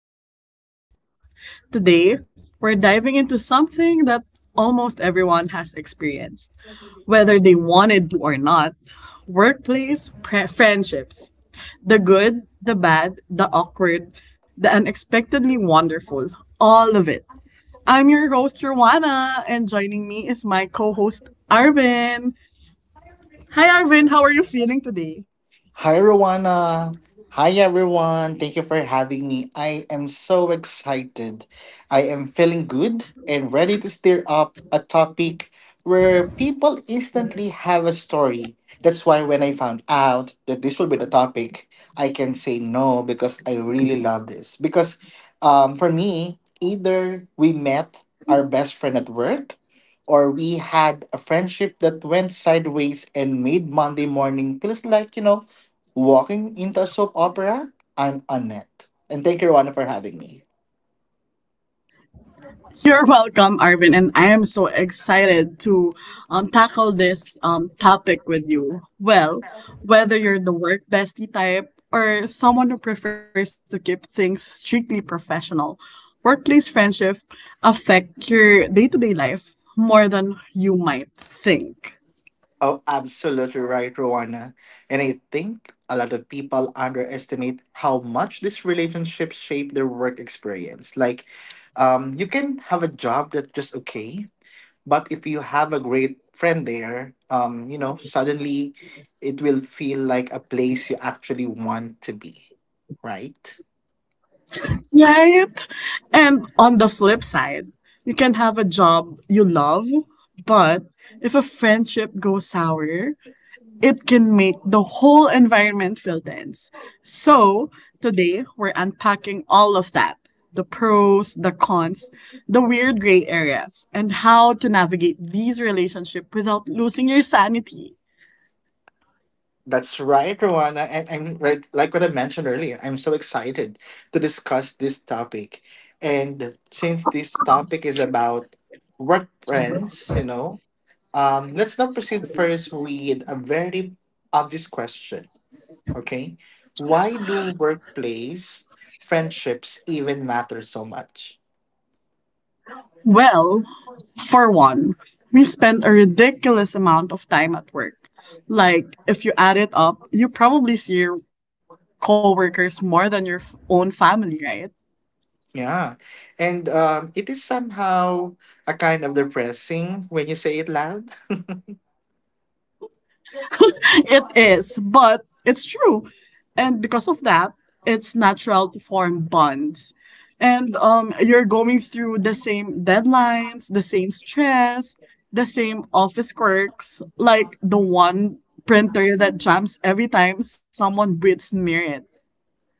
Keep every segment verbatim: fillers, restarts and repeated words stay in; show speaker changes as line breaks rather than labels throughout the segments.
Work Life Podcast. Today, we're diving into something that almost everyone has experienced, whether they wanted to or not workplace pre- friendships. The good, the bad, the awkward, the unexpectedly wonderful, all of it. I'm your host, Joanna, and joining me is my co host, Arvin. Hi, Arvin, how are you feeling today?
Hi, Rowana. Hi, everyone. Thank you for having me. I am so excited. I am feeling good and ready to stir up a topic where people instantly have a story. That's why when I found out that this will be the topic, I can say no because I really love this. Because um, for me, either we met our best friend at work or we had a friendship that went sideways and made Monday morning feels like, you know, walking into a soap opera. I'm Annette. And thank you, Rowana, for having me.
You're welcome, Arvin, and I am so excited to um, tackle this um, topic with you. Well, whether you're the work bestie type or someone who prefers to keep things strictly professional, workplace friendship affect your day-to-day life more than you might think.
Oh, absolutely right, Rowana. And I think a lot of people underestimate how much these relationships shape their work experience. Like, um, you can have a job that's just okay, but if you have a great friend there, um, you know, suddenly it will feel like a place you actually want to be, right?
Right? And on the flip side, you can have a job you love, but if a friendship goes sour, it can make the whole environment feel tense. So, today we're unpacking all of that the pros, the cons, the weird gray areas, and how to navigate these relationships without losing your sanity.
That's right, Rowana. And I'm right, like what I mentioned earlier, I'm so excited to discuss this topic. And since this topic is about work friends, you know, um, let's now proceed first with a very obvious question. Okay. Why do workplace friendships even matter so much?
Well, for one, we spend a ridiculous amount of time at work. Like, if you add it up, you probably see your coworkers more than your f- own family, right?
Yeah. And um, it is somehow a kind of depressing when you say it loud.
It is, but it's true. And because of that, it's natural to form bonds. And um, you're going through the same deadlines, the same stress, the same office quirks, like the one printer that jams every time someone breathes near it.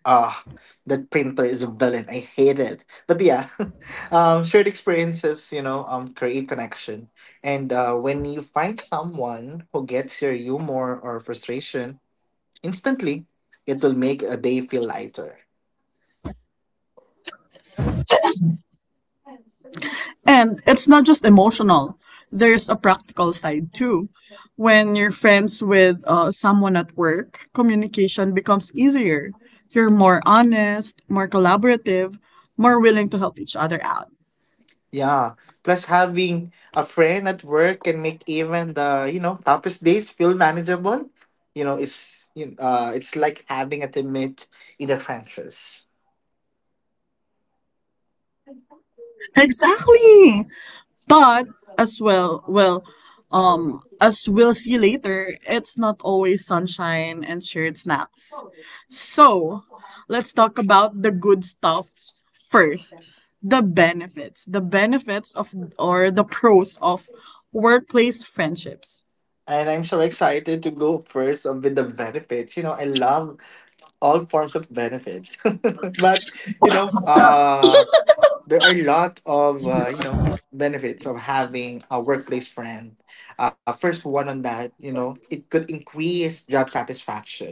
Ah, that printer is a villain. I hate it. But yeah, um, shared experiences, you know, um, create connection. And uh, when you find someone who gets your humor or frustration instantly, it will make a day feel lighter.
And it's not just emotional, there's a practical side too. When you're friends with uh, someone at work, communication becomes easier. You're more honest, more collaborative, more willing to help each other out.
Yeah. Plus, having a friend at work can make even the you know toughest days feel manageable. You know, it's you uh, it's like having a teammate in the trenches.
Exactly. But as well, well, um, as we'll see later, it's not always sunshine and shared snacks. So let's talk about the good stuffs first. The benefits, the benefits of or the pros of workplace friendships.
And I'm so excited to go first um, with the benefits. You know, I love all forms of benefits. but, you know, uh, there are a lot of, uh, you know, benefits of having a workplace friend. Uh, first one on that, you know, it could increase job satisfaction.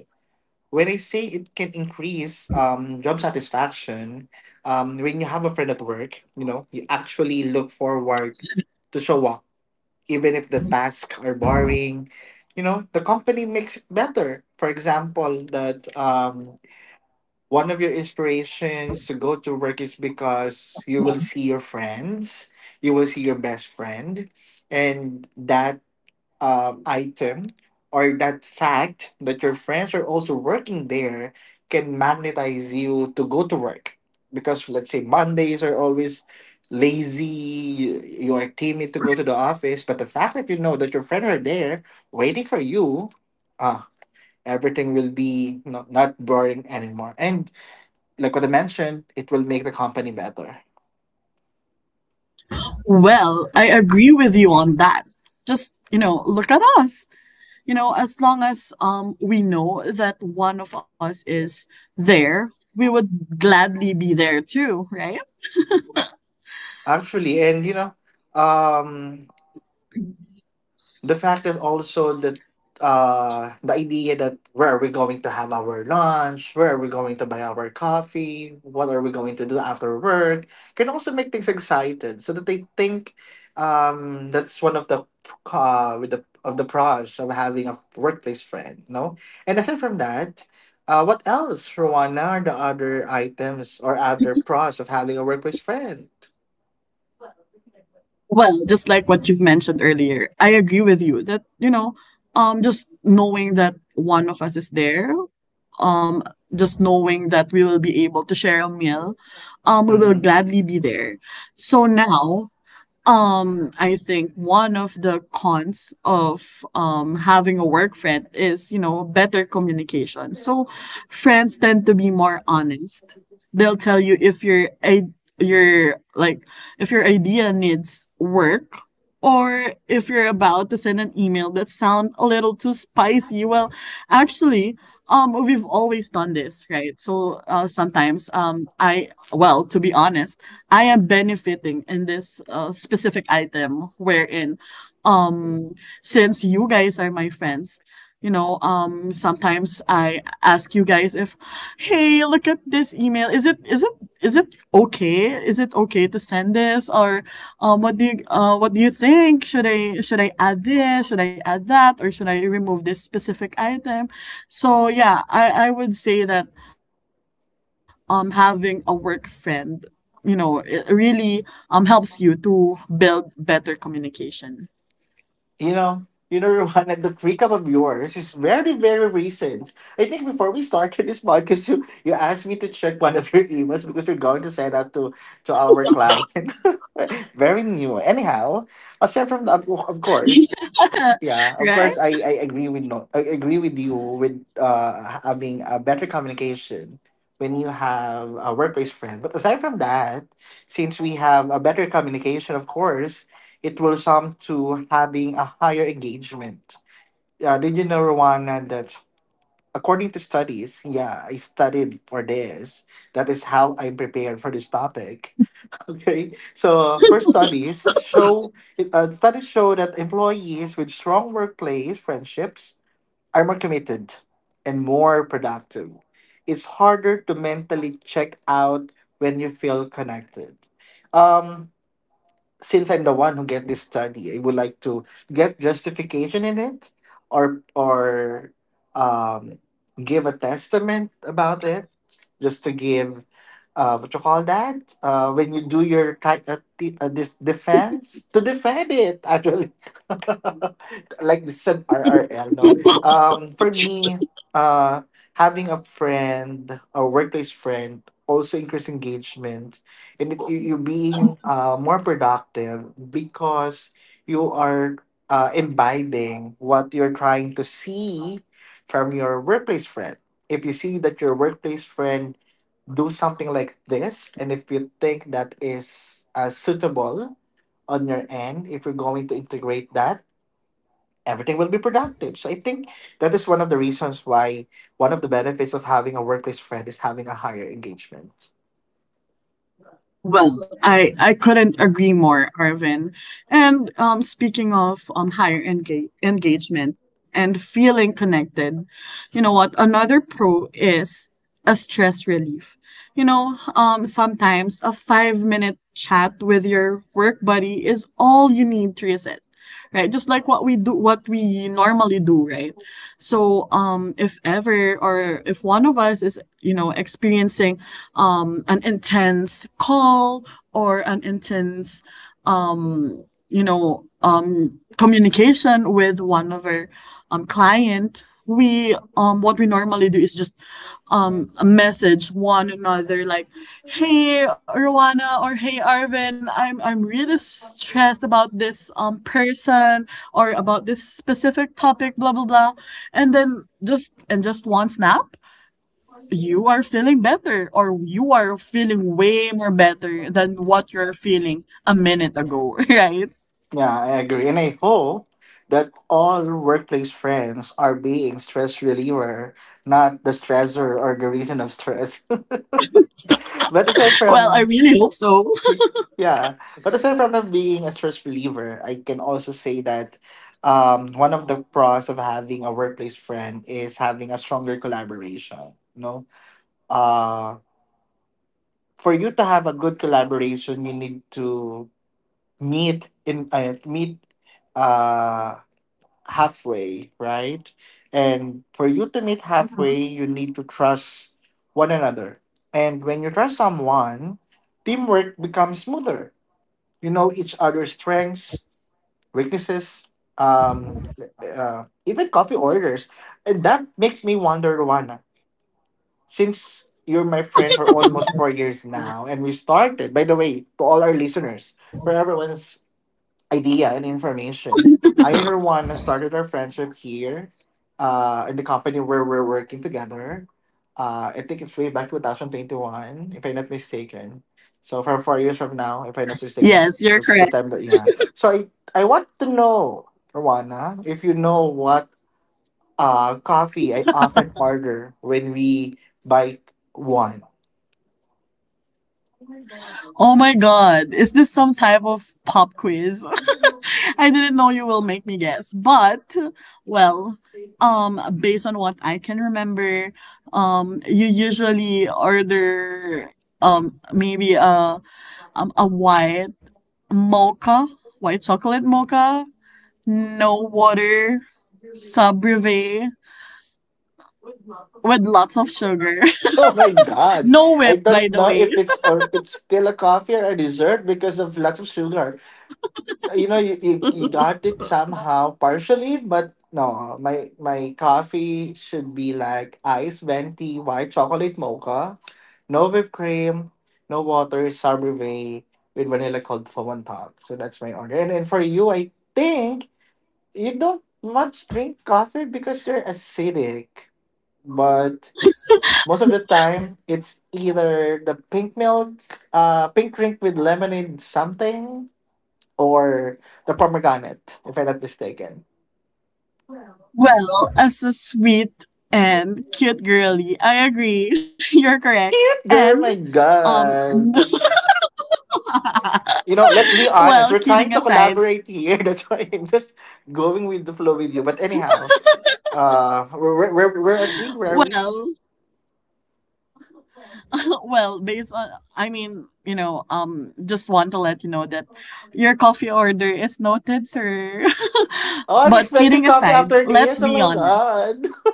When I say it can increase um, job satisfaction, um, when you have a friend at work, you know, you actually look forward to show up even if the tasks are boring, you know. The company makes it better. For example, that um one of your inspirations to go to work is because you will see your friends, you will see your best friend, and that um, item or that fact that your friends are also working there can magnetize you to go to work. Because let's say Mondays are always lazy, you are timid to go to the office, but the fact that you know that your friends are there waiting for you, ah, everything will be no, not boring anymore. And like what I mentioned, it will make the company better.
Well, I agree with you on that. Just, you know, look at us. You know, as long as um we know that one of us is there, we would gladly be there too, right?
Actually, and you know, um, the fact is also that uh the idea that where are we going to have our lunch, where are we going to buy our coffee, what are we going to do after work can also make things excited. So that they think um that's one of the uh with the of the pros of having a workplace friend, no? And aside from that, uh what else, Rowana, are the other items or other pros of having a workplace friend?
Well, just like what you've mentioned earlier, I agree with you that, you know, um just knowing that one of us is there, um just knowing that we will be able to share a meal, um we will
Mm-hmm.
gladly be there. So now Um, I think one of the cons of um having a work friend is, you know, better communication. So friends tend to be more honest. They'll tell you if your I- your like if your idea needs work or if you're about to send an email that sound a little too spicy. Well, actually, um we've always done this, right? So uh sometimes um I well, to be honest, I am benefiting in this uh, specific item wherein um since you guys are my friends, you know, um sometimes I ask you guys if hey, look at this email. Is it is it is it okay? Is it okay to send this or um what do you uh what do you think? Should I should I add this? Should I add that or should I remove this specific item? So yeah, I I would say that um having a work friend, you know, it really um helps you to build better communication.
You know, you know, Rowan, and that recap of yours is very, very recent. I think before we started this podcast, you, you asked me to check one of your emails because we're going to send out to, to our client. Very new. Anyhow, aside from that, of of course.
Yeah,
Yeah, of
right?
course I, I agree with no, I agree with you with uh having a better communication when you have a workplace friend. But aside from that, since we have a better communication, of course, it will sum to having a higher engagement. Uh, did you know, Rowana, that according to studies, yeah, I studied for this. That is how I prepared for this topic. Okay, so uh, first studies show it- uh, studies show that employees with strong workplace friendships are more committed and more productive. It's harder to mentally check out when you feel connected. Um, since I'm the one who get this study, I would like to get justification in it or or um give a testament about it just to give uh what you call that uh when you do your ti- uh, t- uh, this defense to defend it actually. Like this is an R R L, no? Um for me, uh having a friend, a workplace friend also increase engagement and it, you, you're being uh, more productive because you are uh, imbibing what you're trying to see from your workplace friend. If you see that your workplace friend do something like this, and if you think that is uh, suitable on your end, if you're going to integrate that, everything will be productive. So I think that is one of the reasons why one of the benefits of having a workplace friend is having a higher engagement.
Well, I, I couldn't agree more, Arvin. And um, speaking of um, higher enga- engagement and feeling connected, you know what? Another pro is a stress relief. You know, um, sometimes a five minute chat with your work buddy is all you need to reset, right? Just like what we do, what we normally do, right? So um, if ever or if one of us is, you know, experiencing um, an intense call or an intense, you know, um, communication with one of our um, client, we um what we normally do is just um message one another like hey Rowana or hey Arvin, I'm I'm really stressed about this um person or about this specific topic blah blah blah and then just and just one snap you are feeling better or you are feeling way more better than what you're feeling a minute ago. Right?
Yeah, I agree. And I hope that all workplace friends are being stress reliever, not the stressor or the reason of stress. but aside
Well, I
from
really hope so.
yeah, but aside from not being a stress reliever, I can also say that um one of the pros of having a workplace friend is having a stronger collaboration. No? Uh for you to have a good collaboration you need to meet in uh, meet uh, halfway, right? And for you to meet
Mhm.
halfway, you need to trust one another. And when you trust someone, teamwork becomes smoother. You know each other's strengths, weaknesses, um, uh, even coffee orders. And that makes me wonder, Rwana, since you're my friend for almost four years now, and we started, by the way, to all our listeners, for everyone's idea and information. Either one started our friendship here uh, in the company where we're working together. Uh, I think it's way back two thousand twenty-one, if I'm not mistaken. So from four years from now, if I'm not mistaken,
Yes, you're
which is the
correct.
time that, yeah. So I, I want to know, Rwana, if you know what uh, coffee I often order when we buy one.
Oh my god, is this some type of pop quiz? I didn't know you will make me guess. But well, um based on what I can remember, um you usually order um maybe a um a white mocha, white chocolate mocha, no water, sub brevet with lots of sugar.
Oh my God.
No
I
whip, by
don't
the
know
way.
if it's or it's still a coffee or a dessert because of lots of sugar. You know you, you, you got it somehow partially, but no, my my coffee should be like iced venti white chocolate mocha, no whipped cream, no water sorbet, with vanilla cold foam on top. So that's my order. And then for you, I think you don't much drink coffee because you're acidic, but most of the time it's either the pink milk, uh pink drink with lemonade something, or the pomegranate, if I'm not mistaken.
Well, as a sweet and cute girly, I agree. You're correct.
Cute girl,
And
my
um
god. You know, let's be honest.
well,
We're
kidding
trying to
aside,
collaborate here. That's why I'm just going with the flow with you. But anyhow, uh, where, where, where are we? Where are we?
well, well, based on I mean, you know, um just want to let you know that your coffee order is noted, sir.
Oh, I'm
But
expecting
kidding
coffee
aside,
after
let's
this. Oh
be
my
honest.
god.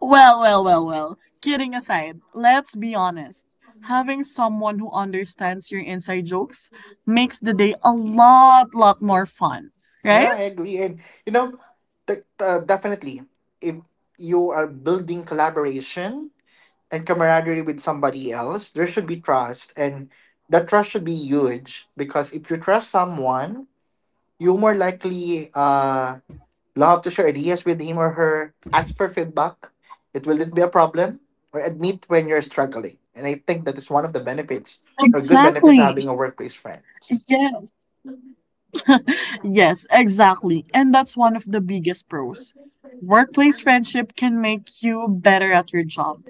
Well, well, well, well. Kidding aside, let's be honest. Having someone who understands your inside jokes makes the day a lot, lot more fun, right?
Yeah, I agree. And you know, de- uh, definitely, if you are building collaboration and camaraderie with somebody else, there should be trust. And that trust should be huge because if you trust someone, you more likely uh, love to share ideas with him or her, ask for feedback. It will not be a problem or admit when you're struggling. And I think that is one of the benefits or good benefits of
Exactly.
having a workplace friend.
Yes. Yes, exactly. And that's one of the biggest pros. Workplace friendship can make you better at your job.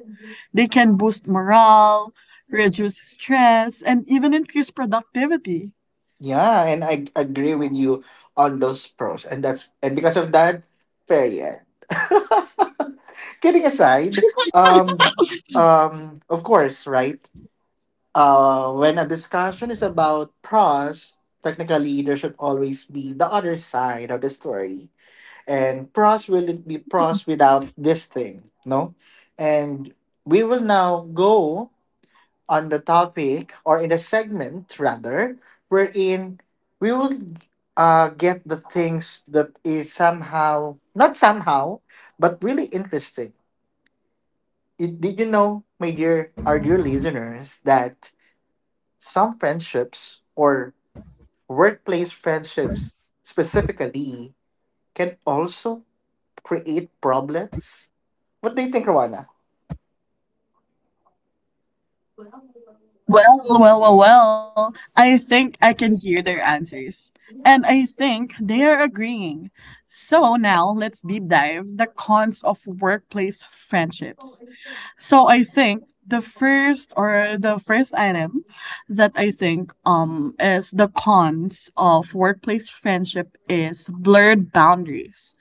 They can boost morale, reduce stress, and even increase productivity.
Yeah, and I agree with you on those pros, and that's and because of that, period. Kidding aside, um, um, of course, right? Uh, when a discussion is about pros, technically there should always be the other side of the story, and pros will be pros without this thing, no? And we will now go on the topic, or in the segment rather, wherein we will uh, get the things that is somehow, not somehow, but really interesting. It, did you know, my dear, our dear listeners, that some friendships or workplace friendships specifically can also create problems? What do you think, Rowana?
Well, well, well, well. I think I can hear their answers. And I think they are agreeing. So now let's deep dive the cons of workplace friendships. So I think the first or the first item that I think um is the cons of workplace friendship is blurred boundaries.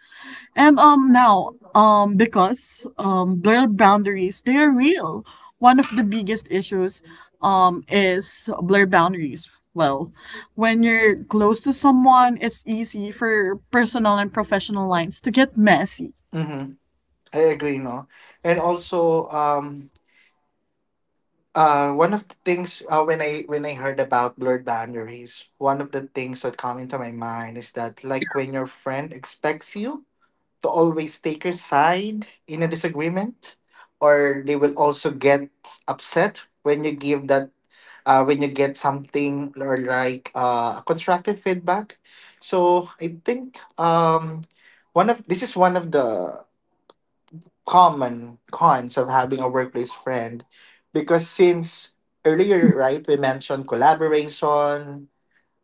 And um now, um because um blur boundaries, they are real. One of the biggest issues um is blur boundaries. Well, when you're close to someone, it's easy for personal and professional lines to get messy.
Mm-hmm. I agree, no? And also, um, Uh, one of the things uh, when I when I heard about blurred boundaries, one of the things that come into my mind is that like when your friend expects you to always take your side in a disagreement, or they will also get upset when you give that uh, when you get something or like uh, constructive feedback. So I think um one of this is one of the common cons of having a workplace friend because since earlier, right, we mentioned collaboration,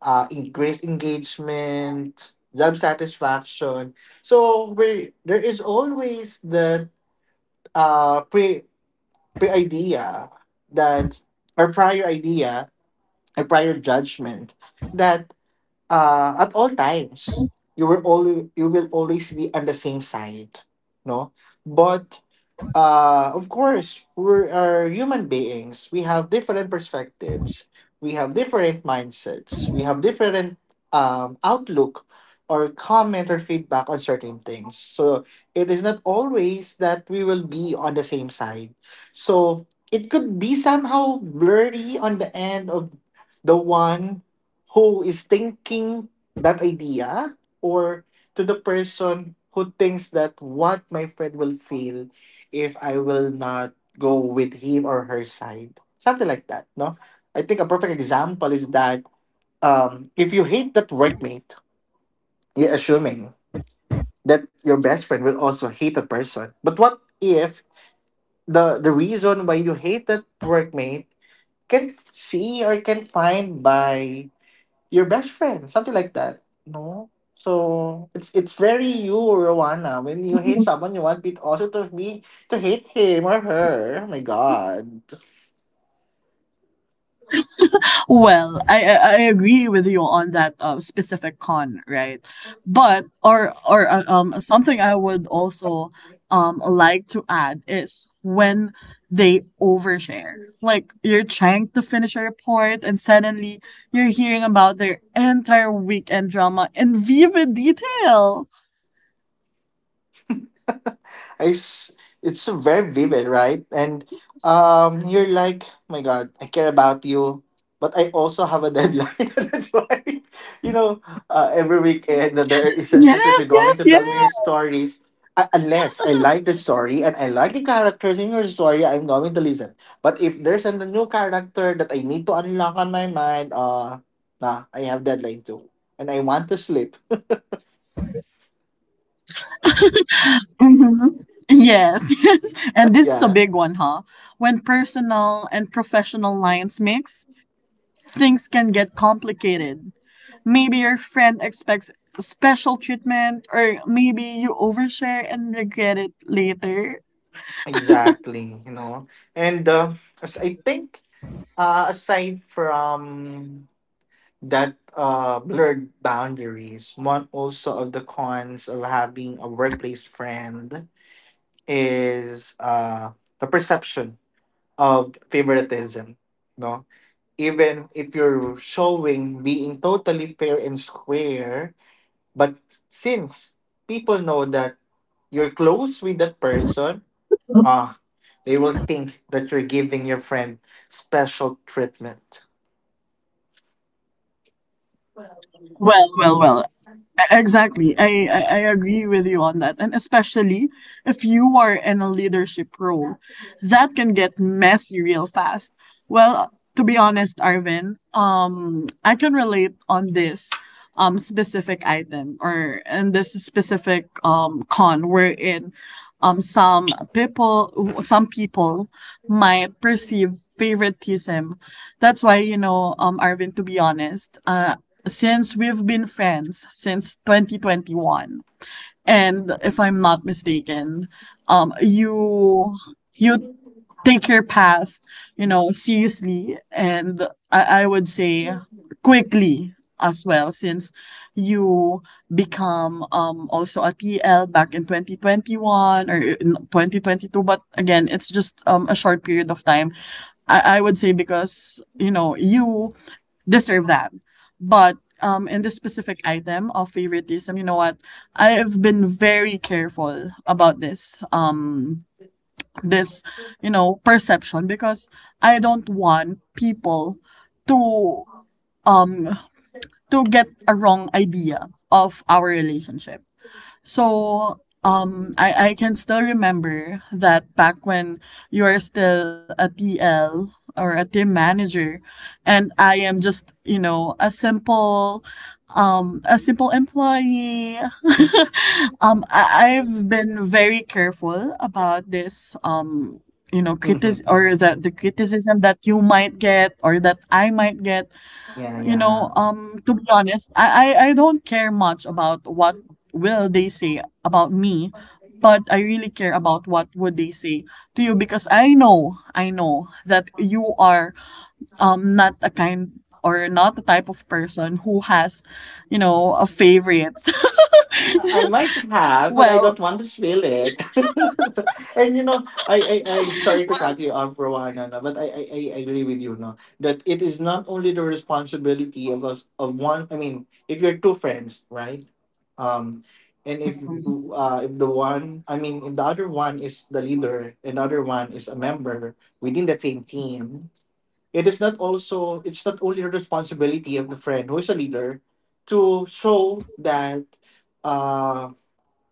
uh increased engagement, job satisfaction. So we there is always that uh pre pre idea that, or prior idea or prior judgment, that uh at all times you will always you will always be on the same side, no? But uh, of course, we are human beings. We have different perspectives. We have different mindsets. We have different um, outlook or comment or feedback on certain things. So it is not always that we will be on the same side. So it could be somehow blurry on the end of the one who is thinking that idea, or to the person who thinks that what my friend will feel if I will not go with him or her side. Something like that, no? I think a perfect example is that, um, if you hate that workmate, you're assuming that your best friend will also hate a person. But what if the, the reason why you hate that workmate can see or can find by your best friend? Something like that, no? So it's it's very you, Rowana. When you hate someone, you want it also to be to hate him or her. Oh my god.
Well, I I I agree with you on that uh, specific con, right? But or or uh, um something I would also um like to add is when they overshare. Like you're trying to finish a report and suddenly you're hearing about their entire weekend drama in vivid detail.
I s- it's very vivid, right? And um, you're like, my God, I care about you, but I also have a deadline. That's why, you know, uh, every weekend that there are essentials that
Yes,
you're going
yes,
to tell
yes.
me your stories. Uh, unless I like the story and I like the characters in your story, I'm going to listen. But if there's a new character that I need to unlock on my mind, uh, nah, I have deadline too, and I want to sleep.
Hmm. Yes, yes. And this is a
Yeah,
big one, huh? When personal and professional lines mix, things can get complicated. Maybe your friend expects special treatment, or maybe you overshare and regret it later.
exactly. You know, and. Uh, as I think Uh, aside from that uh, blurred boundaries, one also of the cons of having a workplace friend is uh, the perception of favoritism. No, even if you're showing being totally fair and square, but since people know that you're close with that person,
Well,
ah, they will think that you're giving your friend special treatment.
well, well. Exactly. I, I, I agree with you on that. And especially if you are in a leadership role, that can get messy real fast. Well, to be honest, Arvin, um, I can relate on this um specific item or in this specific um con wherein um some people some people might perceive favoritism. That's why, you know, um Arvin, to be honest, uh, since we've been friends since twenty twenty-one. And if I'm not mistaken, um, you, you take your path, you know, seriously. And I, I would say quickly as well, since you become um, also a T L back in twenty twenty-one or in twenty twenty-two. But again, it's just um, a short period of time. I, I would say because, you know, you deserve that. But um, in this specific item of favoritism, you know what? I've been very careful about this. Um, this, you know, perception because I don't want people to um to get a wrong idea of our relationship. So um I, I can still remember that back when you're still a T L or a team manager and I am just, you know, a simple um a simple employee. um I, I've been very careful about this um you know critic
Mm-hmm, mm-hmm.
or the the criticism that you might get or that I might get,
Yeah,
you know,
yeah.
um, to be honest, I, I, I don't care much about what will they say about me, but I really care about what would they say to you because I know, I know that you are um not a kind or not the type of person who has, you know, a favorites.
I I might have,
Well,
but I don't want to spill it. And you know, I, I, I sorry to
well,
cut you off for one, no, no, but I, I, I agree with you, no, that it is not only the responsibility of us of one. I mean, if you're two friends, right? Um, and if uh, if the one, I mean, if the other one is the leader and the other one is a member within the same team, it is not also it's not only the responsibility of the friend who is a leader to show that uh,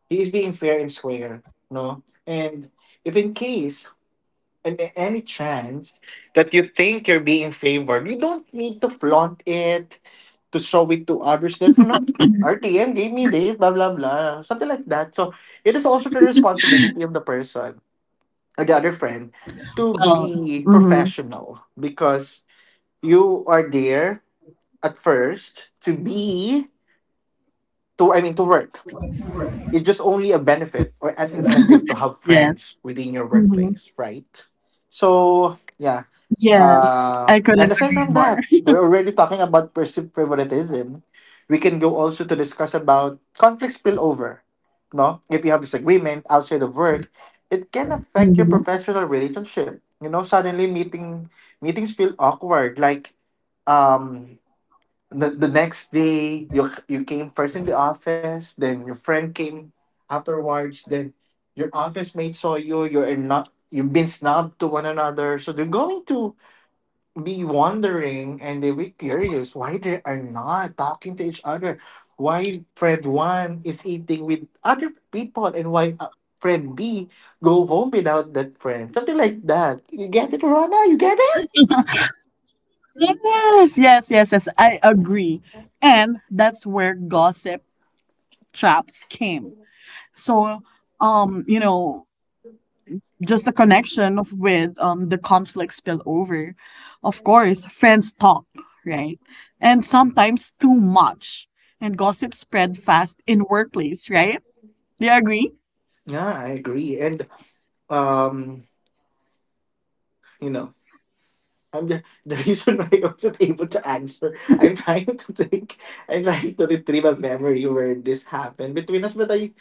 he is being fair and square, no? And if in case and a- any chance that you think you're being favored, you don't need to flaunt it to show it to others that you know R T M gave me this, blah blah blah, something like that. So it is also the responsibility of the person or the other friend to
well,
be
mhm,
professional, because you are there at first to be to I mean to work. It's just only a benefit or an incentive to have
yes.
friends within your
Mhm.
workplace, right? So yeah.
Yes,
Uh,
I
and
couldn't
aside
agree
from
more.
that, we're already talking about perceived favoritism. We can go also to discuss about conflict spillover. No, if you have disagreement outside of work, it can affect your
Mhm.
professional relationship. You know, suddenly meeting meetings feel awkward. Like um the, the next day you you came first in the office, then your friend came afterwards, then your office mate saw you, you're not you've been snubbed to one another, so they're going to be wondering and they'll be curious why they are not talking to each other, why friend one is eating with other people, and why uh, friend b go home without that friend, something like that. You get it, Rana? You get it?
Yes, yes, yes, yes. I agree. And that's where gossip traps came. So, um, you know, just a connection of- with um the conflict spill over. Of course, friends talk, right? And sometimes too much. And gossip spread fast in workplace, right? Do you agree?
Yeah, I agree. And um you know. I'm the, the reason why I wasn't able to answer. I'm trying to think. I'm trying to retrieve a memory where this happened between us, but I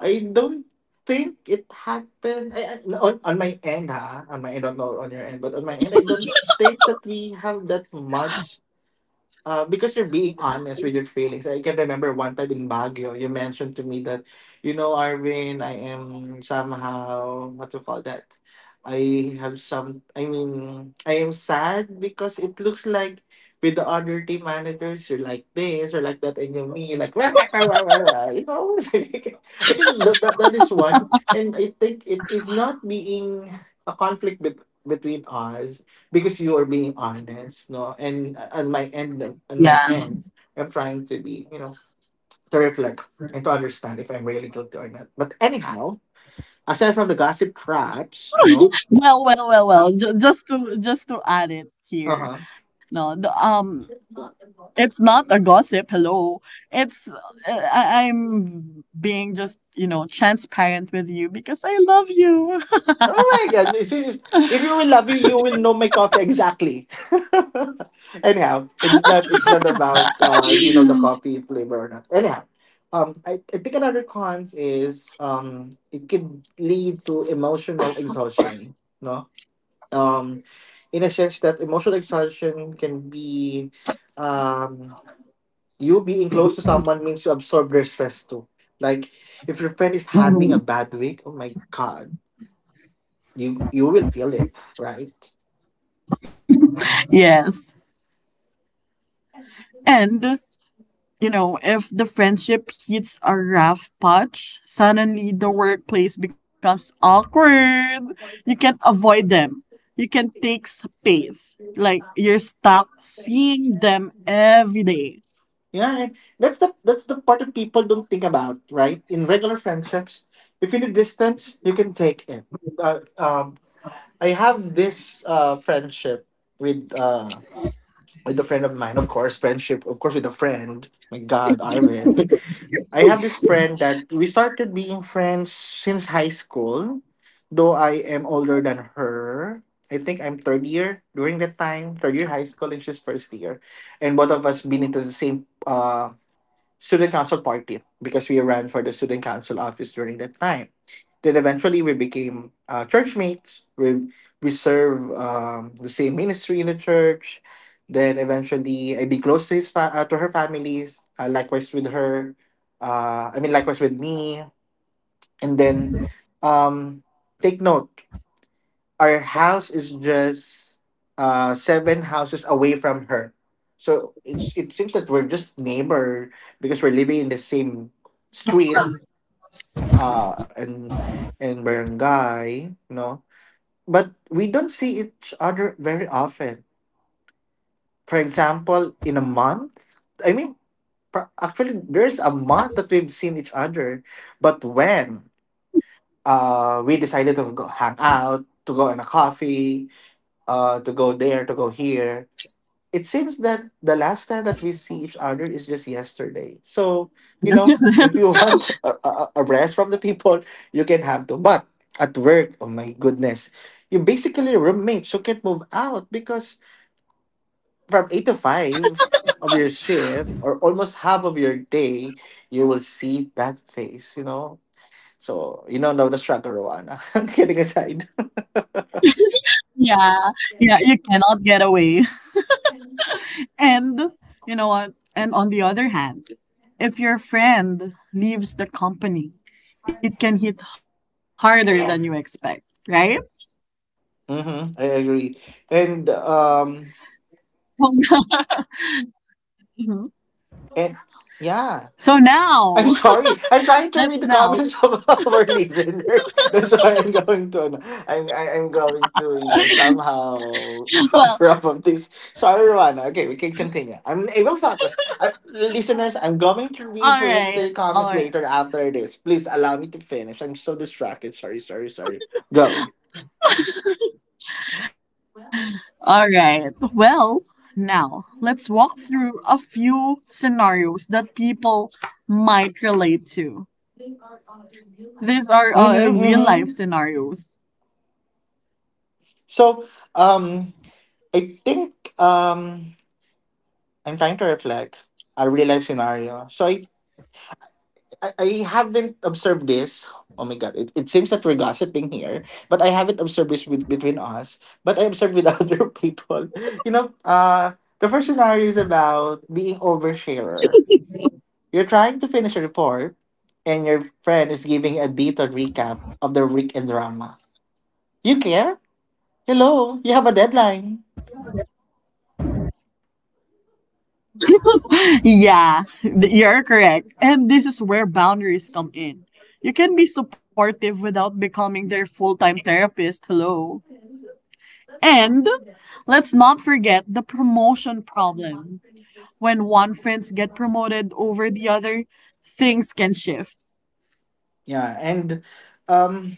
I don't think it happened. I, I, on on my end, ha, on my end, not on your end, but on my end, I don't think that we have that much, uh, because you're being honest with your feelings. I can remember one time in Baguio, you mentioned to me that, you know, Arvin, I am somehow, what to call that? I have some, I mean, I am sad because it looks like with the other team managers, you're like this or like that, and you are me, you're like, wah, wah, wah, wah, wah, wah," you know? I think that, that, that is one. And I think it is not being a conflict bet between us, because you are being honest, no, and uh, on my end, on my end I'm trying to be, you know, to reflect and to understand if I'm really guilty or not. But anyhow, aside from the gossip traps, you know,
Well, well, well, well. J- just to just to add it here,
uh-huh.
no, the, um, it's not a gossip. Hello, it's uh, I- I'm being just, you know, transparent with you because I love you.
Oh my god, this is if you will love me you will know my coffee exactly. Anyhow, it's not it's not about uh if you know the coffee flavor or not. Anyhow, um I, I think another cons is um it could lead to emotional exhaustion, no? um, in a sense that emotional exhaustion can be, um, you being close to someone means you absorb their stress too. Like if your friend is having a
Mhm.
bad week, oh my god, you you will feel it, right?
Yes, and you know, if the friendship hits a rough patch, suddenly the workplace becomes awkward. You can't avoid them. You can take space. Like you're stuck seeing them every day.
Yeah, and that's the that's the part that people don't think about, right? In regular friendships, if you need distance, you can take it. Uh, um, I have this uh, friendship with uh, with a friend of mine, of course, friendship, of course, with a friend. My God, Arvin, I have this friend that we started being friends since high school, though I am older than her. I think I'm third year during that time, third year high school, and she's first year. And both of us been into the same uh, student council party because we ran for the student council office during that time. Then eventually we became uh, church mates. We we serve um, the same ministry in the church. Then eventually I be close to his fa- uh, to her family. Uh, likewise with her. Uh, I mean likewise with me. And then um, take note, our house is just uh seven houses away from her. So it's it seems that we're just neighbor, because we're living in the same street uh and and barangay, no? But we don't see each other very often. For example, in a month, I mean pra- actually there's a month that we've seen each other, but when uh we decided to go hang out, to go on a coffee, uh to go there, to go here, it seems that the last time that we see each other is just yesterday. So, you know,
That's just
if you want a, a, a rest from the people, you can have to. But at work, oh my goodness, you basically roommates who can't move out, because from eight to five of your shift or almost half of your day, you will see that face, you know? So, you know, now the struggle, Rowana. Kidding aside.
yeah, yeah. You cannot get away. And you know what? And on the other hand, if your friend leaves the company, it can hit harder than you expect, right?
Mm-hmm, I agree. And, um,
So, mhm.
and yeah.
So
I'm
now
sorry. I'm trying to read
that's
the
now.
comments of our listeners. That's why I'm going to, ano, I'm, I- I'm going to, you know, somehow
Well,
wrap up this. Sorry, Rwana. Okay, we can continue. I'm able to focus. Uh, listeners, I'm going to read
all
for your, to
right.
your
All
comments
right.
later after this. Please allow me to finish. I'm so distracted. Sorry, sorry, sorry. Go.
All right. Well, now let's walk through a few scenarios that people might relate to. These are uh,
Mm-hmm,
real life
mm-hmm.
scenarios.
So, um, I think, um, I'm trying to reflect a real life scenario. So I I, I haven't observed this. Oh my god, it, it seems that we're gossiping here, but I haven't observed this with, between us, but I observed with other people. You know, uh, the first scenario is about being oversharer. You're trying to finish a report, and your friend is giving a detailed recap of the weekend drama. You care? Hello, you have a deadline.
Yeah, th- you're correct. And this is where boundaries come in. You can be supportive without becoming their full time therapist. Hello. And let's not forget the promotion problem when one friends get promoted over the other, things can shift.
Yeah, and um,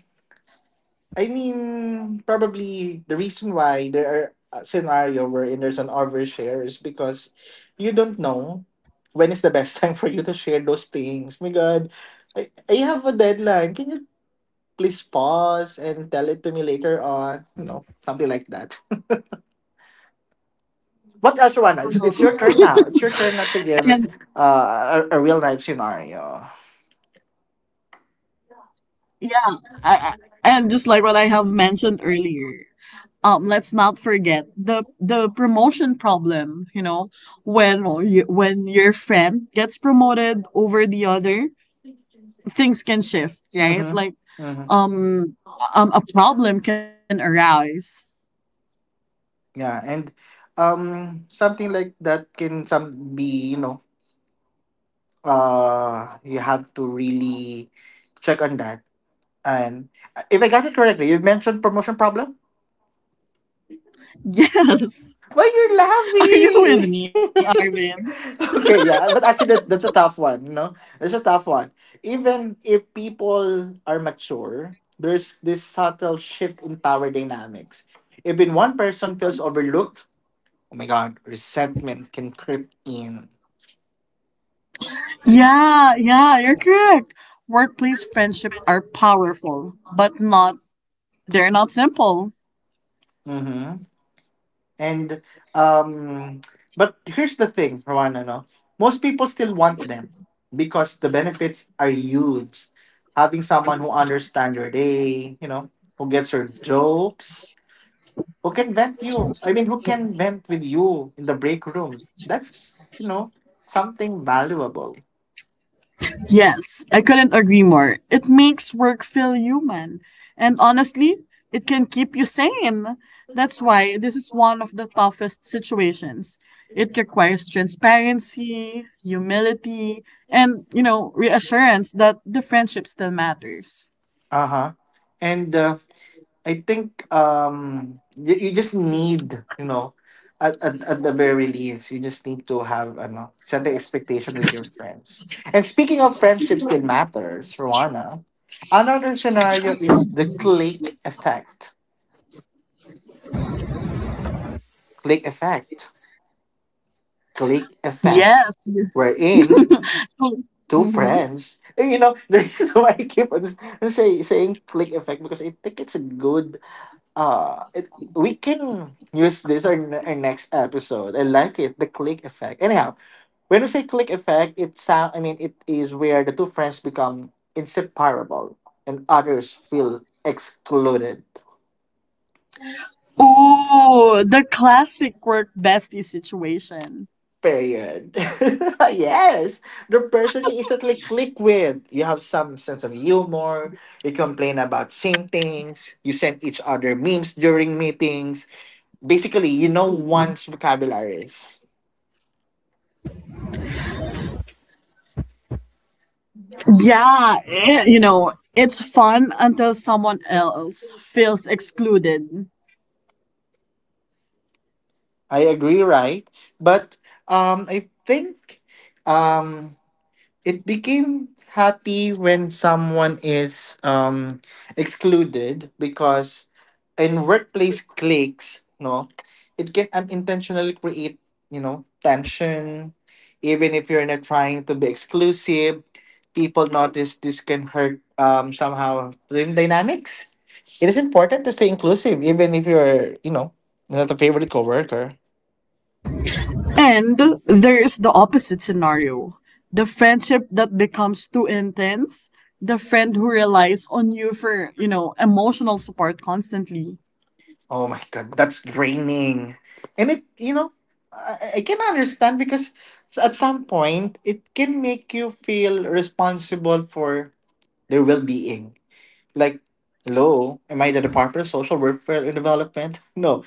I mean, probably the reason why there are a scenario wherein there's an overshare is because you don't know when is the best time for you to share those things. My God, I, I have a deadline. Can you please pause and tell it to me later on? You know, something like that. What else, Rwana? It's, it's your
Mhm.
turn now. It's your turn now to give
And
uh, a, a real life scenario.
yeah, I, I- and just like what I have mentioned earlier, um, let's not forget the the promotion problem. You know, when or you, when your friend gets promoted over the other, things can shift, right?
Mm-hmm.
Like,
Mm-hmm.
um, um, a problem can arise.
Yeah, and um, something like that can some be, you know, uh you have to really check on that and uh, if I got it correctly, you mentioned promotion problem.
Yes,
Why you're
are you with
laughing?
me, Arvin?
Okay, yeah, but actually that's that's a tough one, you know, it's a tough one. Even if people are mature, there's this subtle shift in power dynamics. Even one person feels overlooked, oh my god, resentment can creep in.
Yeah, yeah, you're correct. Workplace friendship are powerful, but not they're not simple.
Mm-hmm. And um, but here's the thing, Juan, no? Most people still want them because the benefits are huge. Having someone who understands your day, you know, who gets your jokes, who can vent you. I mean, who can vent with you in the break room. That's you know something valuable.
Yes, I couldn't agree more. It makes work feel human. And honestly, it can keep you sane. That's why this is one of the toughest situations. It requires transparency, humility, and, you know, reassurance that the friendship still matters.
Uh huh. And uh, I think um you, you just need, you know, at, at, at the very least, you just need to have ano set the expectation with your friends. And speaking of friendship still matters, Rowana. Another scenario is the click effect. Click effect. Click effect.
Yes.
Wherein two
mm-hmm.
friends, and you know the reason why I keep on s- say saying click effect because I think it's a good uh it, we can use this our, n- our next episode, I like it, the click effect. Anyhow, when we say click effect, it sound, I mean, it is where the two friends become inseparable and others feel excluded.
Ooh, the classic work bestie situation.
Period. Yes, the person you instantly click with, you have some sense of humor, you complain about same things, you send each other memes during meetings, basically, you know, one's vocabularies.
Yeah, eh, you know, it's fun until someone else feels excluded.
I agree, right? But um, I think um, it became happy when someone is um, excluded because in workplace cliques, no, it can unintentionally create, you know, tension. Even if you're not trying to be exclusive, people notice this can hurt, um, somehow, team dynamics. It is important to stay inclusive, even if you're, you know, not a favorite coworker.
And there is the opposite scenario, the friendship that becomes too intense, the friend who relies on you for, you know, emotional support constantly.
Oh my god, that's draining. And it, you know, I, I can understand because at some point it can make you feel responsible for their well-being. Like, hello, am I the Department of Social Welfare and Development? No.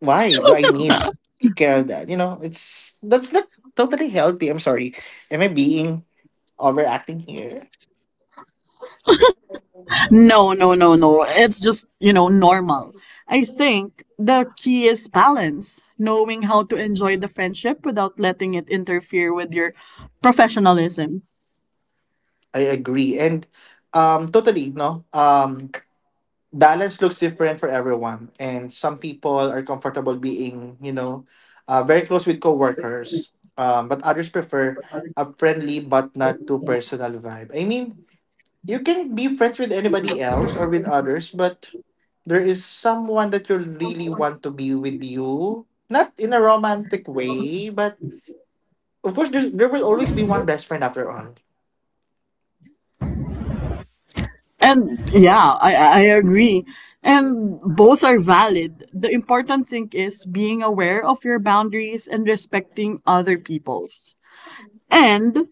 Why do I need to care of that? You know, it's that's not totally healthy. I'm sorry. Am I being overacting here?
No, no, no, no. It's just, you know, normal. I think the key is balance, knowing how to enjoy the friendship without letting it interfere with your professionalism.
I agree. And um totally, no. Um balance looks different for everyone, and some people are comfortable being, you know, uh, very close with coworkers, um, but others prefer a friendly but not too personal vibe. I mean, you can be friends with anybody else or with others, but there is someone that you really want to be with, you not in a romantic way, but of course there's, there will always be one best friend after all.
And yeah, I, I agree. And both are valid. The important thing is being aware of your boundaries and respecting other people's. And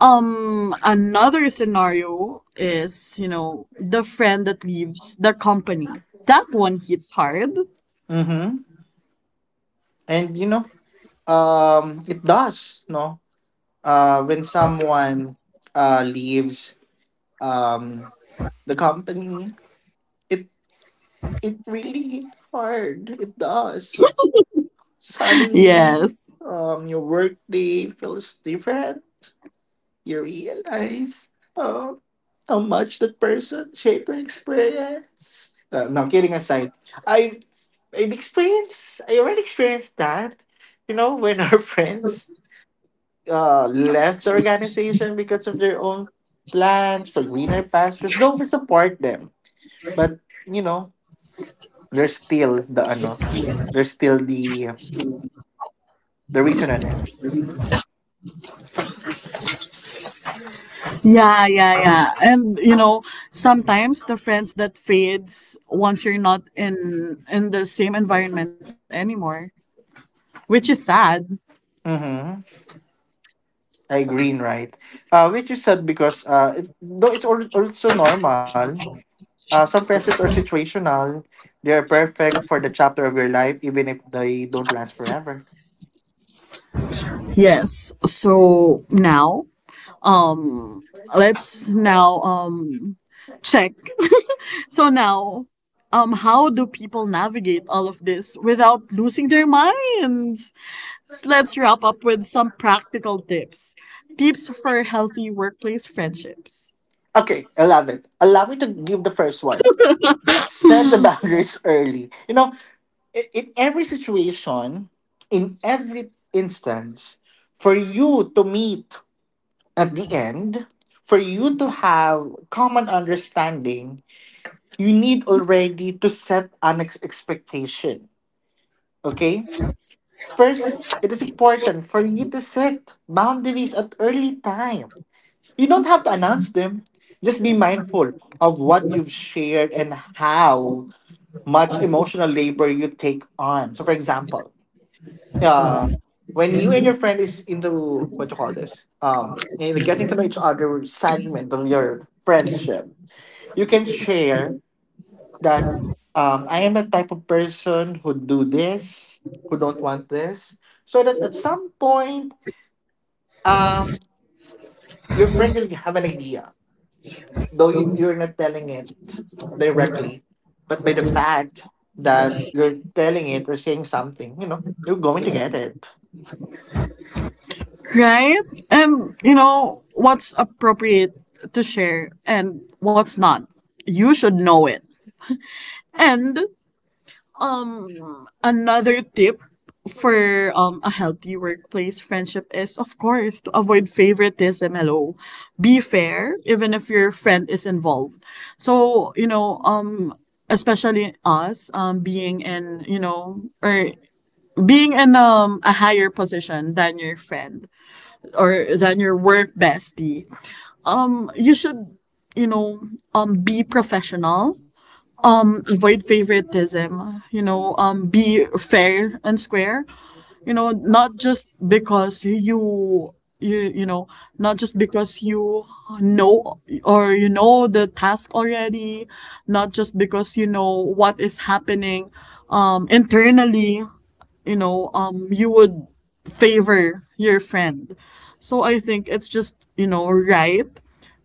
Um, another scenario is, you know, the friend that leaves the company. That one hits hard.
Mm-hmm. And you know um it does no uh, When someone uh, leaves um, the company, it it really hit hard. It does. Suddenly,
Yes.
um, your workday feels different. You realize um, how much that person shaped your experience. Uh, no, kidding aside, I I've experienced. I already experienced that. You know, when our friends uh, left the organization because of their own plans for greener pastures, don't we support them? But you know, there's still the ano, there's still the the reason on it.
Yeah, yeah, yeah. And you know, sometimes the friends that fades once you're not in in the same environment anymore, which is sad.
Mm-hmm. I green right. Uh, which is sad because uh, it, though it's al- also normal. Uh, some friendships are situational. They are perfect for the chapter of your life, even if they don't last forever.
Yes. So now, um, let's now um check So now, um, how do people navigate all of this without losing their minds? So let's wrap up with some practical tips. Tips for healthy workplace friendships.
Okay, I love it. Allow me to give the first one. Set the boundaries early. You know, i- in every situation, in every instance, for you to meet at the end, for you to have common understanding, you need already to set an ex- expectation. Okay? First, it is important for you to set boundaries at early time. You don't have to announce them. Just be mindful of what you've shared and how much emotional labor you take on. So, for example, uh when you and your friend is into what you call this, um you know, getting to know each other segment of your friendship, you can share that um I am the type of person who do this, who don't want this, so that at some point um your friend will have an idea, though you, you're not telling it directly, but by the fact that you're telling it or saying something, you know, you're going to get it.
Right? And, you know, what's appropriate to share and what's not. You should know it. And, um, another tip for um, a healthy workplace friendship is, of course, to avoid favoritism. Hello, be fair, even if your friend is involved. So you know, um, especially us, um, being in you know, or being in um a higher position than your friend or than your work bestie, you should you know um be professional, um avoid favoritism. You know um be fair and square. You know not just because you you you know, not just because you know or you know the task already, not just because you know what is happening um internally, you know um you would favor your friend. So I think it's just, you know, right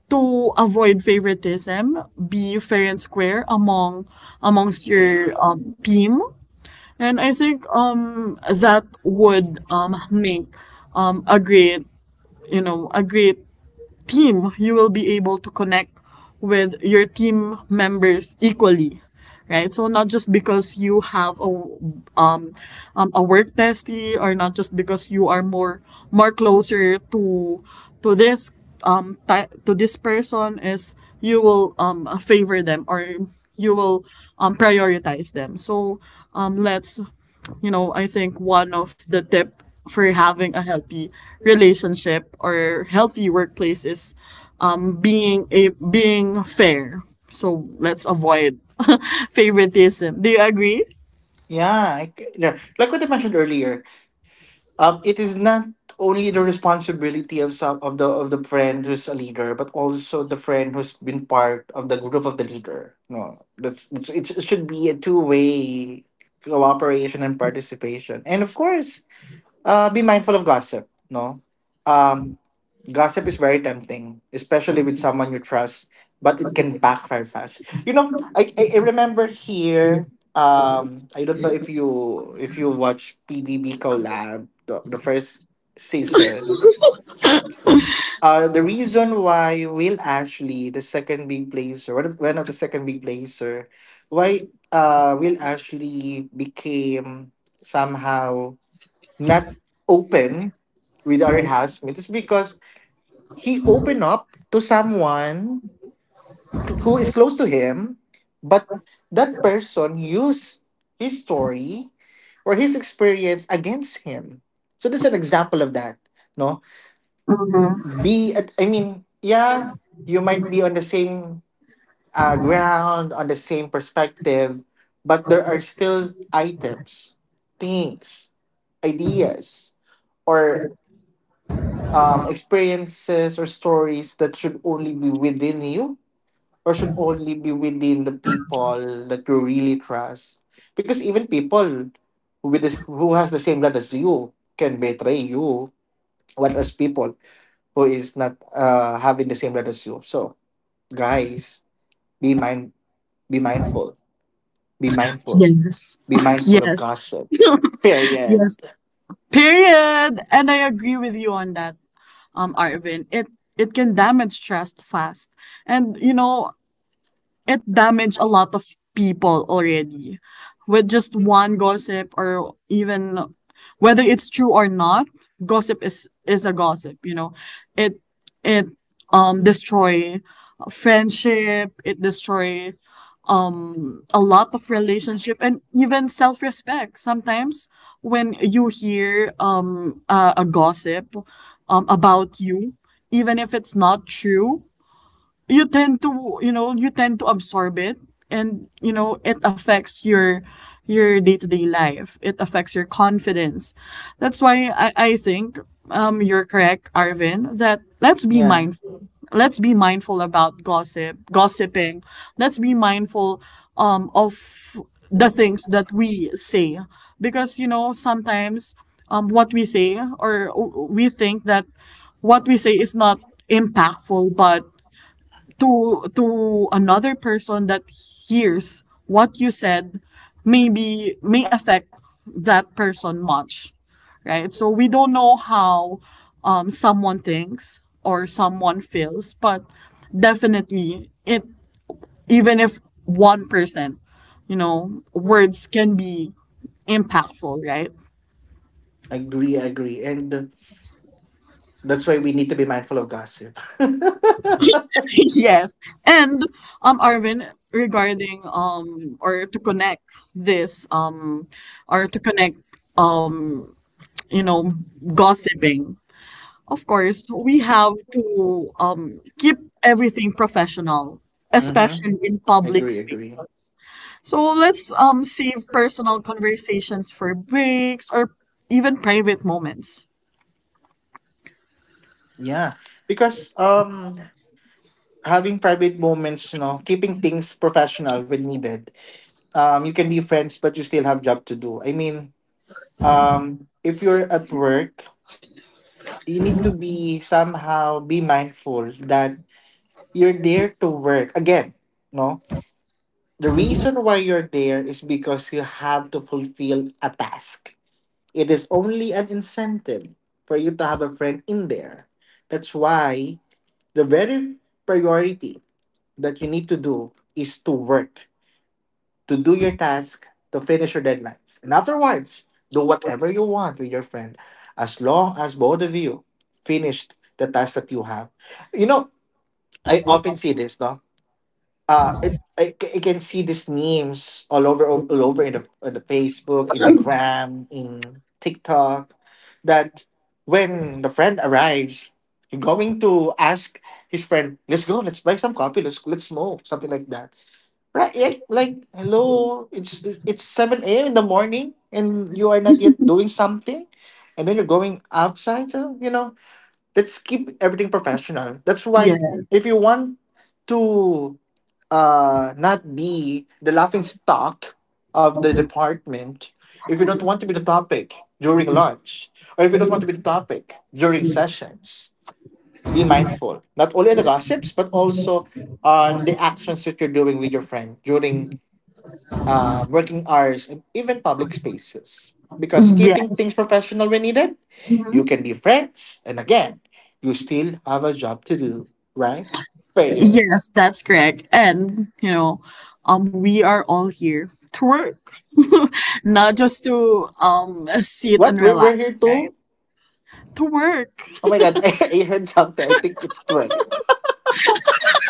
to avoid favoritism. Be fair and square among amongst your um, team. And I think um that would um make um a great, you know a great team. You will be able to connect with your team members equally, right? So not just because you have a um, um a work bestie, or not just because you are more more closer to to this um ti- to this person is you will um favor them or you will um prioritize them. So um let's, you know, I think one of the tip for having a healthy relationship or healthy workplace is um, being a being fair. So let's avoid favoritism. Do you agree?
Yeah, I c- yeah, like what I mentioned earlier, um, it is not only the responsibility of some of the of the friend who's a leader, but also the friend who's been part of the group of the leader. No, that's it's, it's, it should be a two way cooperation and participation, and of course, uh, be mindful of gossip. No, um, gossip is very tempting, especially with someone you trust, but it can backfire fast. You know, I I, I remember here. Um, I don't know if you if you watch P B B Collab the, the first season. Uh, the reason why Will Ashley, the second big placer, one of, one of the second big placer, why uh Will Ashley became somehow not open with our housemate is because he opened up to someone cl- who is close to him, but that person used his story or his experience against him. So that's an example of that. No, be at, I mean, yeah, you might be on the same uh, ground, on the same perspective, but there are still items, things, ideas, or um, experiences or stories that should only be within you or should only be within the people that you really trust. Because even people with this, who has the same blood as you, can betray you. What as people who is not uh, having the same blood as you. So guys, be mind, be mindful, be mindful,
Yes.
be mindful of
Yes.
gossip. Period.
yes. Period. And I agree with you on that, um, Arvin. it it can damage trust fast. And you know, it damaged a lot of people already with just one gossip, or even whether it's true or not, gossip is is a gossip. You know, it it um destroy friendship. It destroy um a lot of relationship, and even self-respect sometimes. When you hear um a, a gossip um about you, even if it's not true, you tend to, you know, you tend to absorb it. And you know, it affects your your day-to-day life. It affects your confidence. That's why i, I think um you're correct, Arvin, that let's be
Yeah,
mindful. Let's be mindful about gossip gossiping. Let's be mindful um of the things that we say, because you know sometimes um what we say, or we think that what we say is not impactful, but to to another person that hears what you said, maybe may affect that person much, right? So we don't know how um, someone thinks or someone feels, but definitely it, even if one percent, you know, words can be impactful, right?
agree, agree, and that's why we need to be mindful of gossip.
Yes. And um Arvin, regarding um or to connect this um or to connect um you know, gossiping. Of course, we have to um keep everything professional,
Mm-hmm.
especially in public
Agree, agree.
spaces. So let's um save personal conversations for breaks or even private moments.
Yeah, because um, having private moments, you know, keeping things professional when needed. Um, you can be friends, but you still have job to do. I mean, um, if you're at work, you need to be somehow be mindful that you're there to work again. No, the reason why you're there is because you have to fulfill a task. It is only an incentive for you to have a friend in there. That's why the very priority that you need to do is to work, to do your task, to finish your deadlines. And afterwards, do whatever you want with your friend as long as both of you finished the task that you have. You know, I often see this, no? uh it I, c- I can see these memes all over all over in the in the Facebook, in the gram, in TikTok, that when the friend arrives, you're going to ask his friend, let's go, let's buy some coffee, let's let's smoke, something like that. Right? Like, like hello, it's it's seven a m in the morning and you are not yet doing something, and then you're going outside. So you know, let's keep everything professional. That's why if
Yes.
you want to uh, not be the laughing stock of the department, if you don't want to be the topic during lunch or if you don't want to be the topic during sessions, be mindful, not only on the gossips, but also on the actions that you're doing with your friend during uh, working hours and even public spaces. Because keeping things
Yes.
professional when needed, you
Mm-hmm.
can be friends, and again, you still have a job to do, right? Period.
Yes, that's correct. And, you know, um we are all here to work. Not just to um sit
What
and
we're, we're
relax,
here
right?
to—
To work.
oh my god, I, I heard something. I think it's work.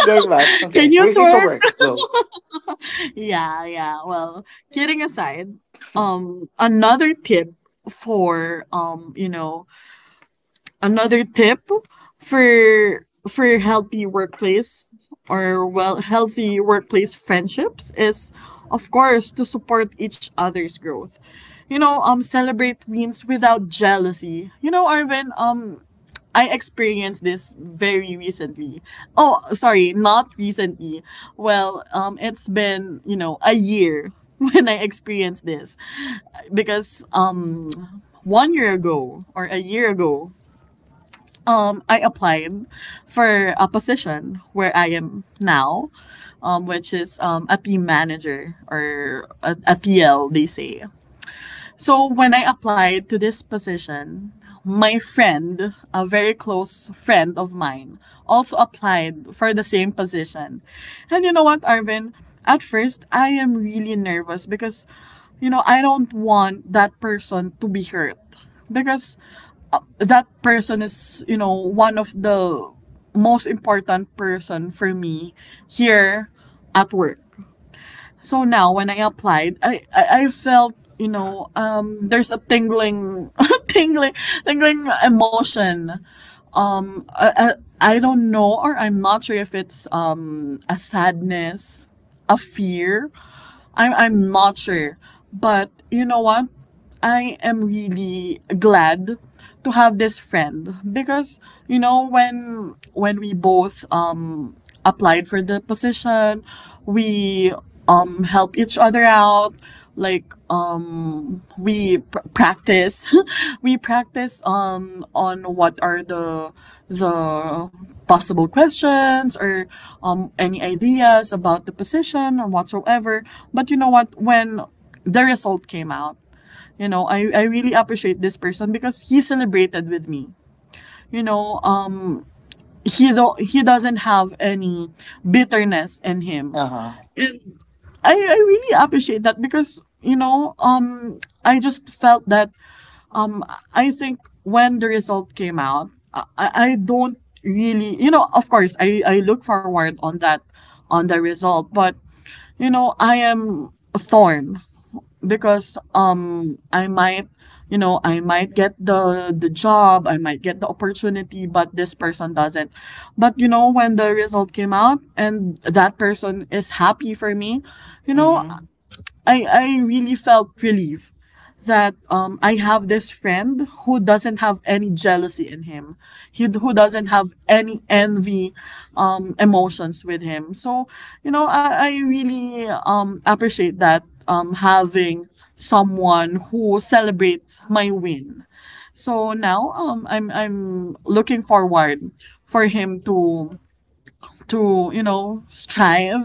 Going back.
Can
Okay,
you
we're here to
twerk?
work. Go.
Yeah, yeah. Well, kidding aside, um another tip for um, you know, another tip for for healthy workplace, or well healthy workplace friendships, is of course to support each other's growth. You know, um celebrate wins without jealousy. You know, Arvin, um I experienced this very recently. Oh sorry, not recently. Well, um it's been, you know, a year when I experienced this, because um one year ago, or a year ago, um, I applied for a position where I am now, um, which is um, a team manager or a, a T L, they say. So when I applied to this position, my friend, a very close friend of mine, also applied for the same position. And you know what, Arvin? At first, I am really nervous because, you know, I don't want that person to be hurt because that person is, you know, one of the most important person for me here at work. So now when I applied, I I, I felt, you know, um there's a tingling tingling tingling emotion. uh, uh, I don't know, or I'm not sure if it's um a sadness, a fear. I'm I'm not sure, but you know what? I am really glad to have this friend, because you know when when we both um applied for the position, we um help each other out. Like we pr- practice we practice um on what are the the possible questions, or um any ideas about the position or whatsoever. But you know what, when the result came out, you know, i, I really appreciate this person, because he celebrated with me. You know, um he do- he doesn't have any bitterness in him.
Uh huh.
I i really appreciate that because, you know, um i just felt that, I think when the result came out, I, I I don't really, you know, of course, I, I look forward on that, on the result, but, you know, I am torn because, um, I might, you know, I might get the, the job, I might get the opportunity, but this person doesn't. But, you know, when the result came out and that person is happy for me, you know,
Mm-hmm.
I, I really felt relief that um, I have this friend who doesn't have any jealousy in him, he, who doesn't have any envy um, emotions with him. So, you know, I, I really um, appreciate that, um, having someone who celebrates my win. So now um, I'm, I'm looking forward for him to to you know strive,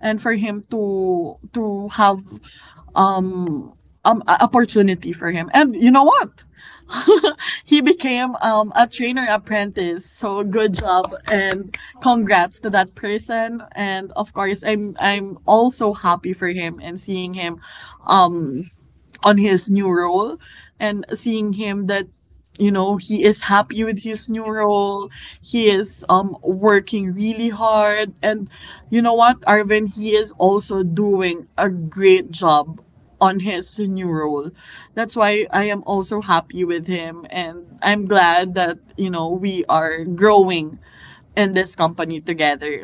and for him to to have um opportunity for him. And you know what? He became um a trainer apprentice. So good job and congrats to that person. And of course, I'm I'm also happy for him, and seeing him um on his new role, and seeing him that, you know, he is happy with his new role. He is um working really hard, and you know what, Arvin, he is also doing a great job on his new role. That's why I am also happy with him, and I'm glad that, you know, we are growing in this company together.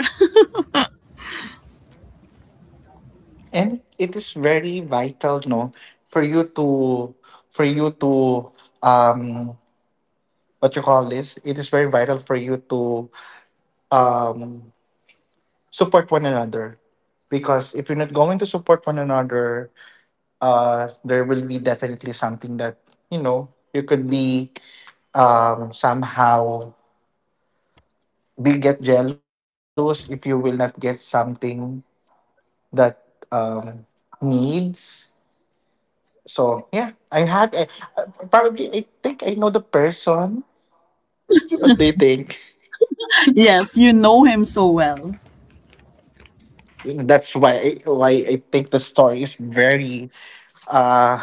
And it is very vital, no, for you to, for you to, um, what you call this? It is very vital for you to, um, support one another, because if you're not going to support one another, uh, there will be definitely something that, you know, you could be, um, somehow will get jealous if you will not get something that um, needs. So yeah, I'm happy. I, uh, probably I think I know the person. What do you think?
yes, you know him so well.
That's why why I think the story is very uh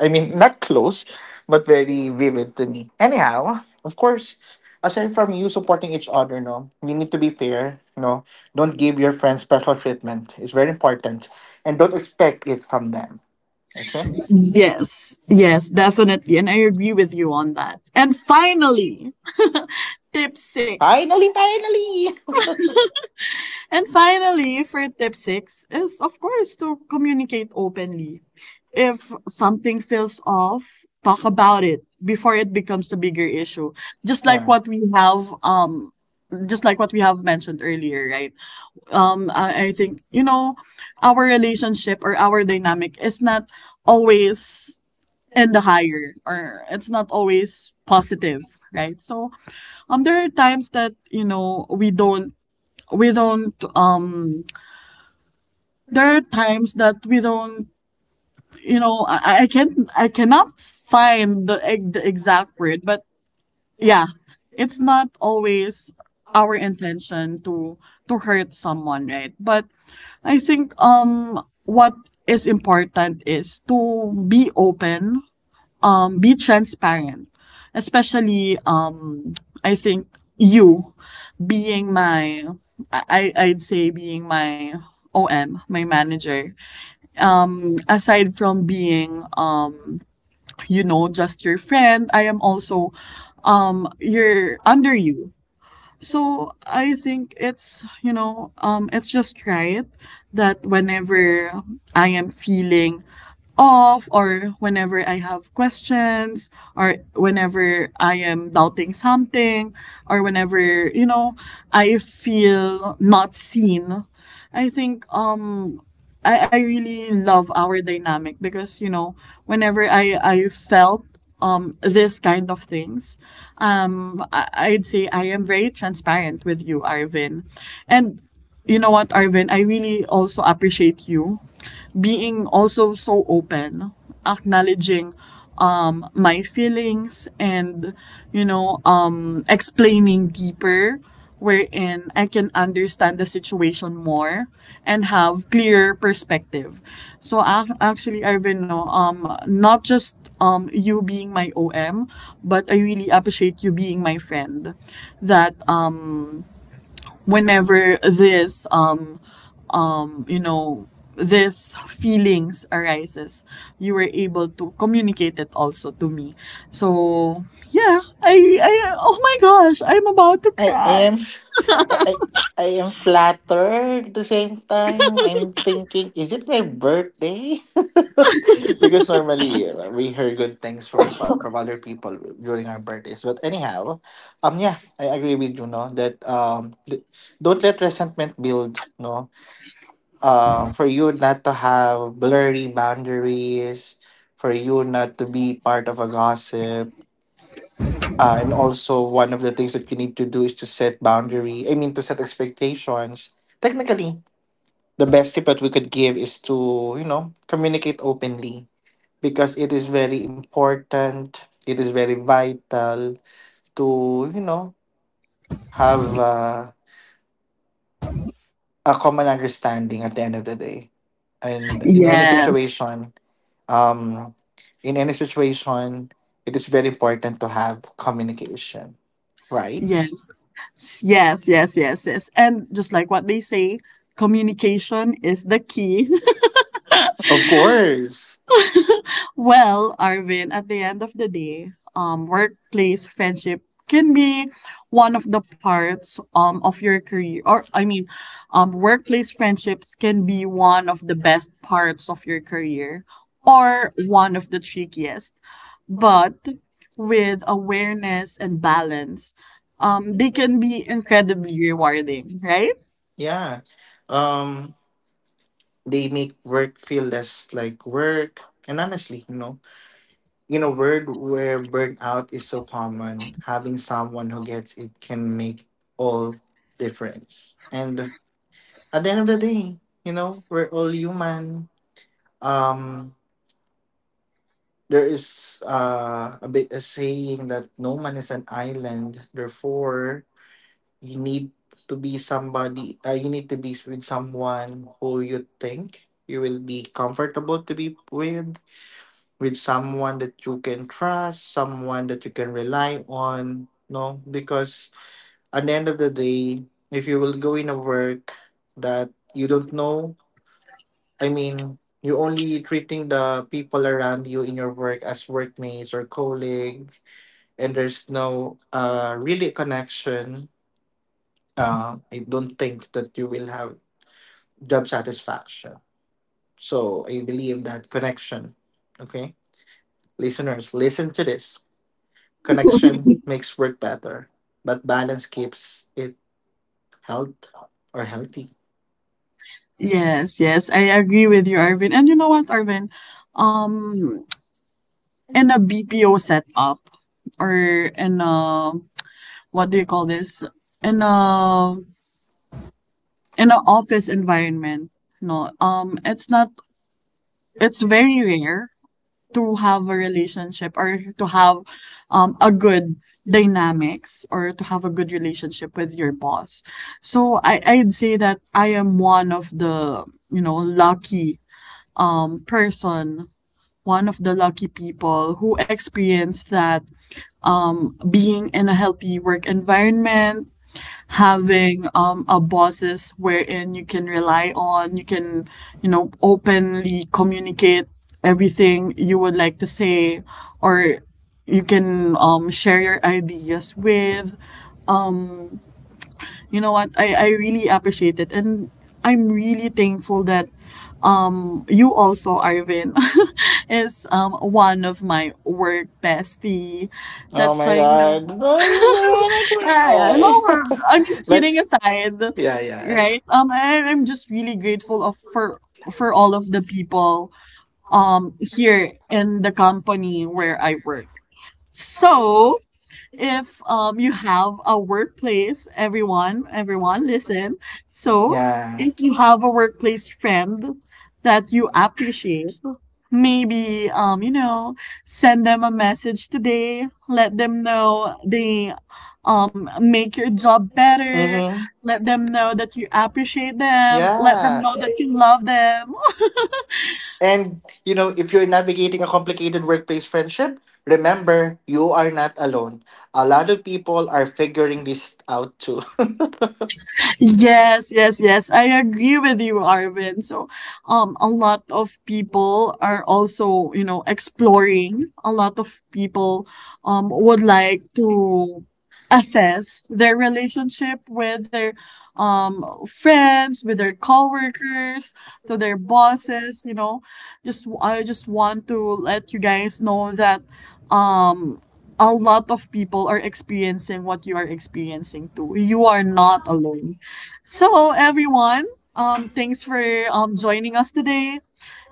I mean not close but very vivid to me. Anyhow, of course, aside from you supporting each other, no, you need to be fair, no. Don't give your friends special treatment. It's very important. And don't expect it from them. Okay?
Yes, yes, definitely. And I agree with you on that. And finally, tip six.
Finally, finally.
And finally, for tip six, is of course to communicate openly. If something feels off, talk about it before it becomes a bigger issue. Just like
Yeah.
what we have, um, just like what we have mentioned earlier, right? Um, I, I think, you know, our relationship or our dynamic is not always and the higher or it's not always positive, right? So um there are times that, you know, we don't we don't um there are times that we don't, you know, i, I can't, I cannot find the, ex- the exact word, but yeah, it's not always our intention to to hurt someone, right? But I think um what is important is to be open, um, be transparent. Especially, um, I think you being my, I, I'd say being my O M, my manager. Um, aside from being, um, you know, just your friend, I am also, um, you're under you. So I think it's you know um it's just right that whenever I am feeling off, or whenever I have questions, or whenever I am doubting something, or whenever you know I feel not seen, I think um I, I really love our dynamic because you know whenever I I felt um this kind of things, um I, I'd say I am very transparent with you, Arvin. And you know what, Arvin, I really also appreciate you being also so open, acknowledging um my feelings, and you know um explaining deeper, wherein I can understand the situation more and have clearer perspective. So ac- actually, Arvin, no, um, not just um you being my O M, but I really appreciate you being my friend. That um whenever this um you know this feelings arises, you were able to communicate it also to me. So yeah, I I oh my gosh, I'm about to
I, I
cry.
am I, I I am flattered at the same time. I'm thinking, is it my birthday? Because normally uh, we hear good things from pa- from other people during our birthdays. But anyhow, um, yeah, I agree with you, no, that um, th- don't let resentment build, no. Um, for you not to have blurry boundaries, for you not to be part of a gossip, uh, and also one of the things that you need to do is to set boundary. I mean, to set expectations. Technically, the best tip that we could give is to, you know, communicate openly, because it is very important. It is very vital to, you know, have uh, a common understanding at the end of the day, and in any
Yes.
situation, um, in any situation, it is very important to have communication, right?
Yes. S- Yes, yes, yes, yes. And just like what they say, communication is the key.
Of course.
Well, Arvin, at the end of the day, um, workplace friendship can be one of the parts um, of your career, or i mean um, workplace friendships can be one of the best parts of your career, or one of the trickiest. But with awareness and balance, um, they can be incredibly rewarding, right?
Yeah. Um, they make work feel less like work. And honestly, you know, in a world where burnout is so common, having someone who gets it can make all difference. And at the end of the day, you know, we're all human. Um, there is uh, a bit a saying that no man is an island. Therefore, you need to be somebody, uh, you need to be with someone who you think you will be comfortable to be with with someone that you can trust, someone that you can rely on, no, because at the end of the day, if you will go in a work that you don't know, I mean, you're only treating the people around you in your work as workmates or colleagues, and there's no uh really connection, uh, I don't think that you will have job satisfaction. So I believe that connection, okay, listeners, listen to this. Connection makes work better, but balance keeps it health or healthy.
Yes, yes, I agree with you, Arvin. And you know what, Arvin, um in a B P O setup, or in a, what do you call this? In a, in an office environment, no. Um it's not, it's very rare to have a relationship or to have um a good dynamics, or to have a good relationship with your boss. So I I'd say that I am one of the, you know, lucky um person, one of the lucky people who experienced that, being in a healthy work environment, having um, a bosses wherein you can rely on, you can, you know, openly communicate everything you would like to say, or you can um, share your ideas with. You know what? I, I really appreciate it. And I'm really thankful that, um, you also, Arvin, is um, one of my work bestie.
Oh
That's why,
my
you know,
god,
yeah,
I'm
no,
gonna cry.
I'm kidding
But
aside,
yeah, yeah,
right? Um, I, I'm just really grateful of for for all of the people um here in the company where I work. So if um you have a workplace, everyone, everyone, listen. So
yeah.
if you have a workplace friend that you appreciate, maybe um you know send them a message today, let them know they um make your job better,
Mm-hmm.
let them know that you appreciate them, let them
Yeah.
know that you love them.
And, you know, if you're navigating a complicated workplace friendship, remember you are not alone. A lot of people are figuring this out too.
Yes, yes, yes. I agree with you, Arvin. So, um, a lot of people are also, you know, exploring. A lot of people, um, would like to assess their relationship with their, um, friends, with their coworkers, to their bosses. You know, just I just want to let you guys know that, um, a lot of people are experiencing what you are experiencing too. You are not alone. So everyone, um, thanks for um joining us today.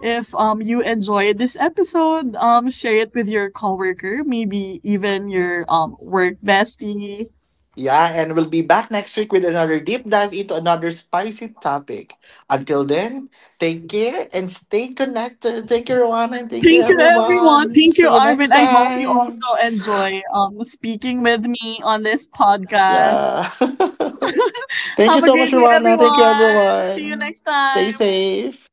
If um you enjoyed this episode, um share it with your coworker, maybe even your um work bestie.
Yeah, and we'll be back next week with another deep dive into another spicy topic. Until then, take care and stay connected. Thank you, everyone, and thank you,
Thank you everyone.
everyone.
Thank you,
See you
Arvin.
next
I hope you
time.
also enjoy um speaking with me on this podcast.
Yeah. Thank you
Have a
so much,
great day,
Rwana. Thank you,
everyone. See you
everyone.
next
Stay
time.
safe.